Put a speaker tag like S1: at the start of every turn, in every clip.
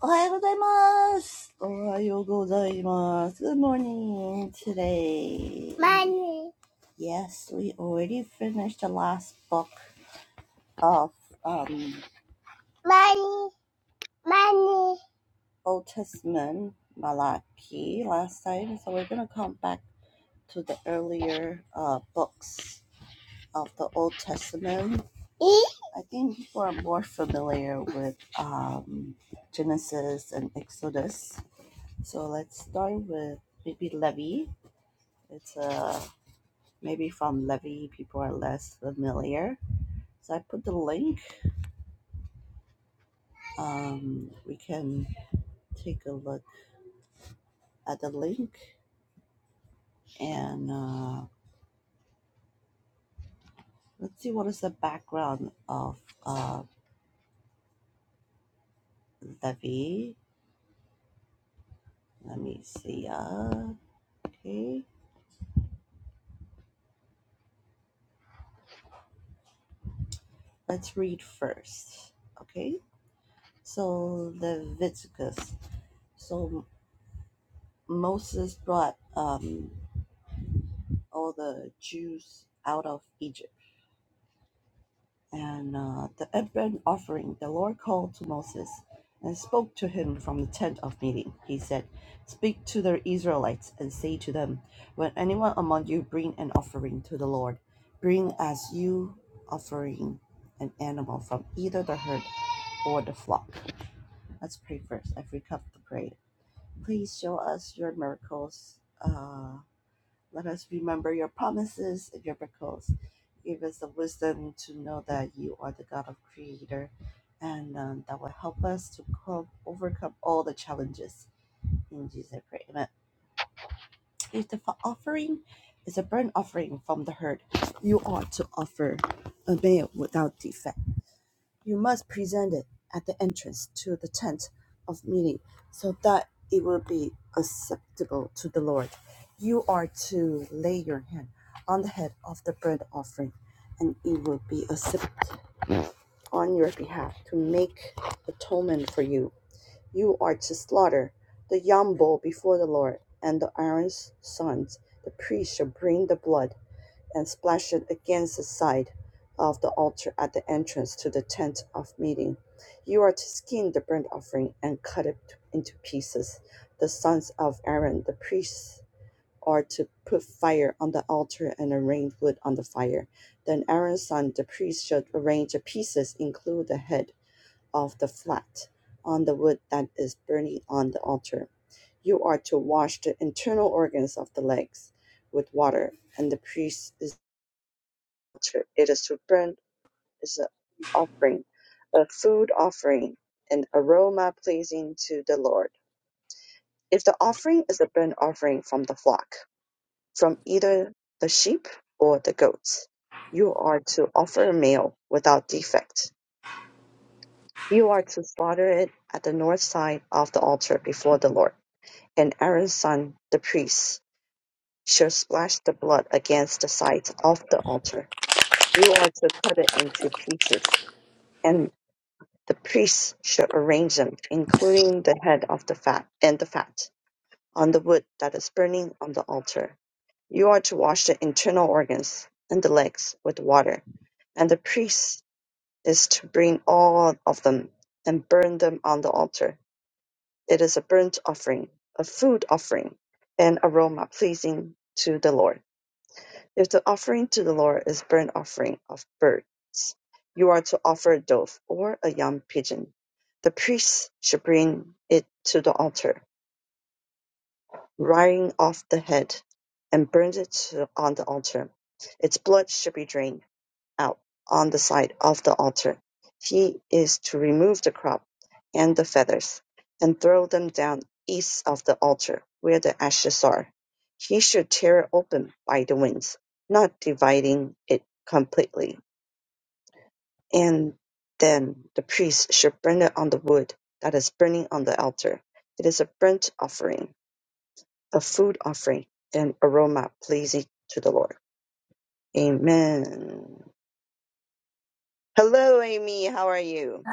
S1: おはようございます。おはようございます. Good morning today. Money, money, money. E?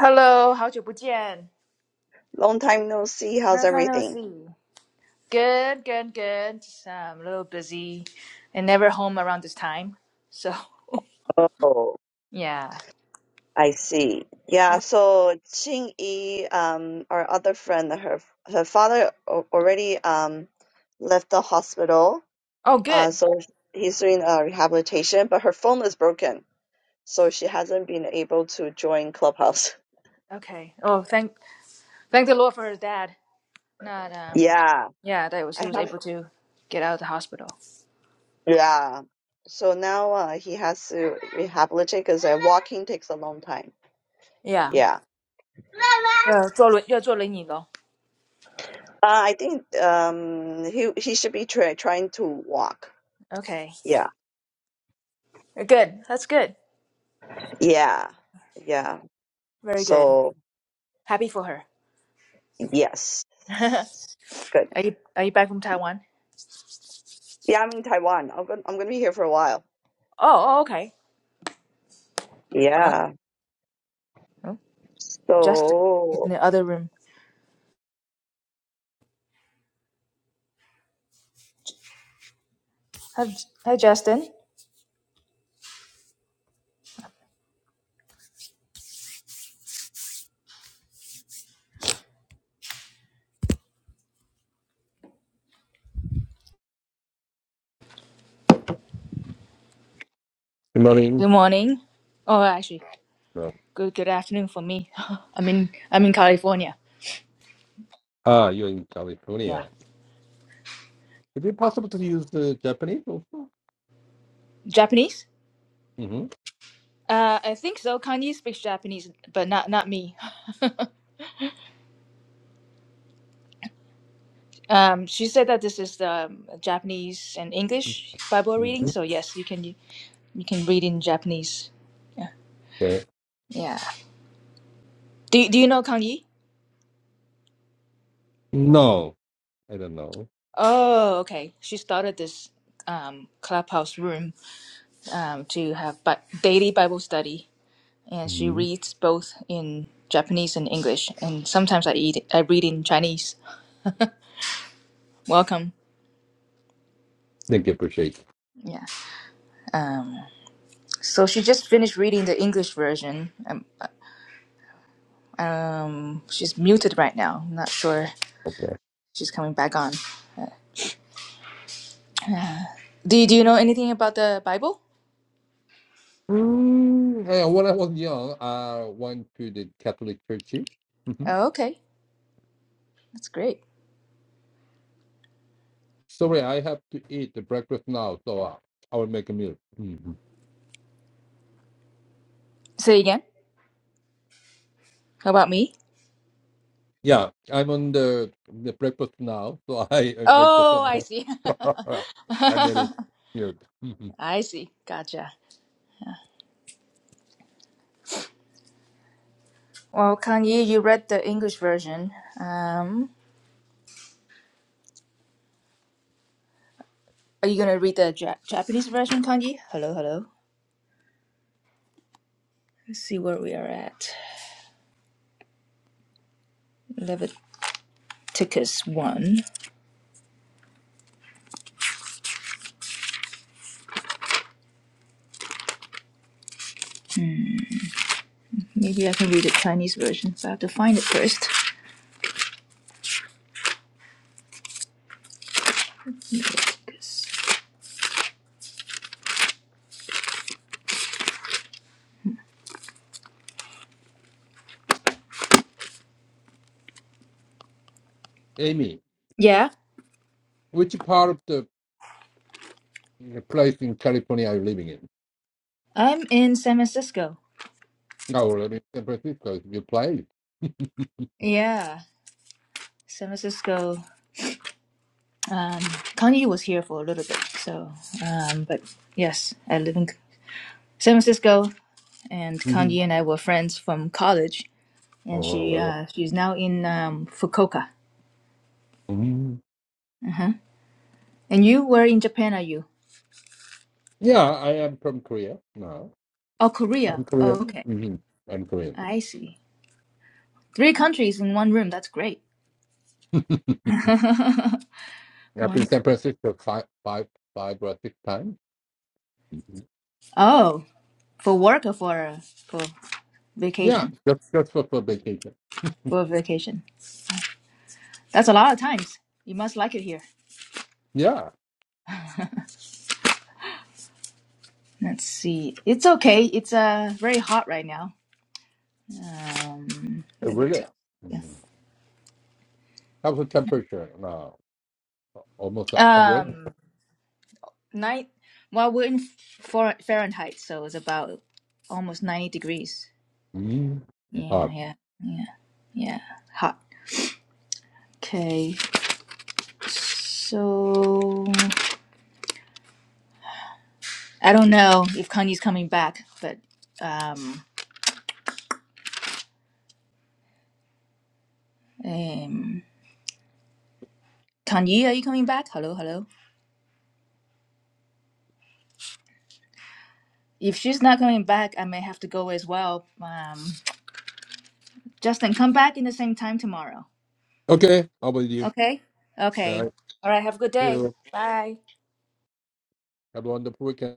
S2: Hello，好久不见。No time no see. Good, good, good. Just um, a little busy and never home around this time. So, yeah. Uh, oh, good. Okay. Oh, thank thank the Lord for his dad. Not um yeah, that was he was able to get out of the hospital. Yeah. 呃，坐轮要坐轮椅咯。Okay. Good. That's good. Very good. Happy for her. are you are you back from Taiwan? Oh, oh okay. No. no. Justin is in the other room. Hi, J- hi, Justin.
S3: Good
S2: Good
S3: Morning.
S2: morning. Oh, actually,
S3: No.
S2: good good afternoon for me. I'm in I'm in California.
S3: Ah, you're in
S2: Yeah.
S3: California. Is it possible to use the Japanese also?
S2: Japanese?
S3: Mm-hmm.
S2: Uh, I think so. Kanye speaks Japanese, but not not me. Um, she said that this is the um, Japanese and English Bible reading,
S3: hmm
S2: so yes, you can you can read in Japanese. Yeah.
S3: Okay.
S2: Yeah. Do Do you know Kanye?
S3: No, I don't know.
S2: Oh, okay. She started this um clubhouse room um to have but daily Bible study and she
S3: Mm-hmm.
S2: reads both in Japanese and English, and sometimes I eat I read in Chinese. Welcome.
S3: Thank you, appreciate.
S2: Yeah. Um, so she just finished reading the English version. Um, um, she's muted right now. I'm not sure
S3: Okay.
S2: she's coming back on. Do you, do you know anything about the Bible?
S3: Mm, yeah, when I was young, I went to the Catholic Church. Mm-hmm.
S2: Oh, okay, that's great.
S3: Sorry, I have to eat the breakfast now, so I, I will make a meal. hmm
S2: Say again. How about me?
S3: Yeah, I'm on the the breakfast now, so I, I make the
S2: Oh,
S3: some.
S2: I see.
S3: I made it. Meal. hmm
S2: I see. Gotcha. Well, Kanye, you read the English version. Um, Are you gonna read the ja- Japanese version, Kanji? Hello, hello. Let's see where we are at. Leviticus 1. Maybe I can read the Chinese version, so I have to find it first.
S3: Amy,
S2: Yeah,
S3: which part of the the place in California I'm living in.
S2: I'm in San Francisco.
S3: Oh, well, I mean, San Francisco is a good place.
S2: Yeah, San Francisco. Um, Kanye was here for a little bit, so um, but yes, I live in San Francisco, and Kanji
S3: Mhm.
S2: and I were friends from college, and
S3: oh,
S2: she
S3: well, yeah.
S2: uh, she's now in um, Fukuoka.
S3: Mhm.
S2: Uh-huh. And you, where in Japan are you?
S3: Yeah, I am from Korea No,
S2: Oh, Korea.
S3: I'm
S2: Oh,
S3: Korean.
S2: okay.
S3: hmm I'm Korean.
S2: I see. Three countries in one room. That's great.
S3: I've been to
S2: One.
S3: San Francisco five, five, five or six times. hmm
S2: Oh, for work or for uh, for
S3: Yeah,
S2: vacation?
S3: just just for, for vacation.
S2: For vacation. That's a lot of times. You must like it here.
S3: Yeah,
S2: Let's see. It's okay. It's uh very hot right now. Um,
S3: uh,
S2: let me
S3: really.
S2: take- yeah.
S3: hmm How's the temperature No, Almost a 100
S2: Um, night. Well, we're in for Fahrenheit, so it's about almost ninety degrees.
S3: mm
S2: Yeah,
S3: Hot.
S2: yeah, yeah, yeah. Hot. Okay. So I don't know if Kanye's coming back, but um, um, Kanye, are you coming back? Hello, hello. If she's not coming back, I may have to go as well. Um, Justin, come back in the same time tomorrow.
S3: Okay, how about you?
S2: Okay. Okay.
S3: Yeah,
S2: All right. Have a good
S3: see
S2: day.
S3: you
S2: Bye.
S3: have a wonderful weekend.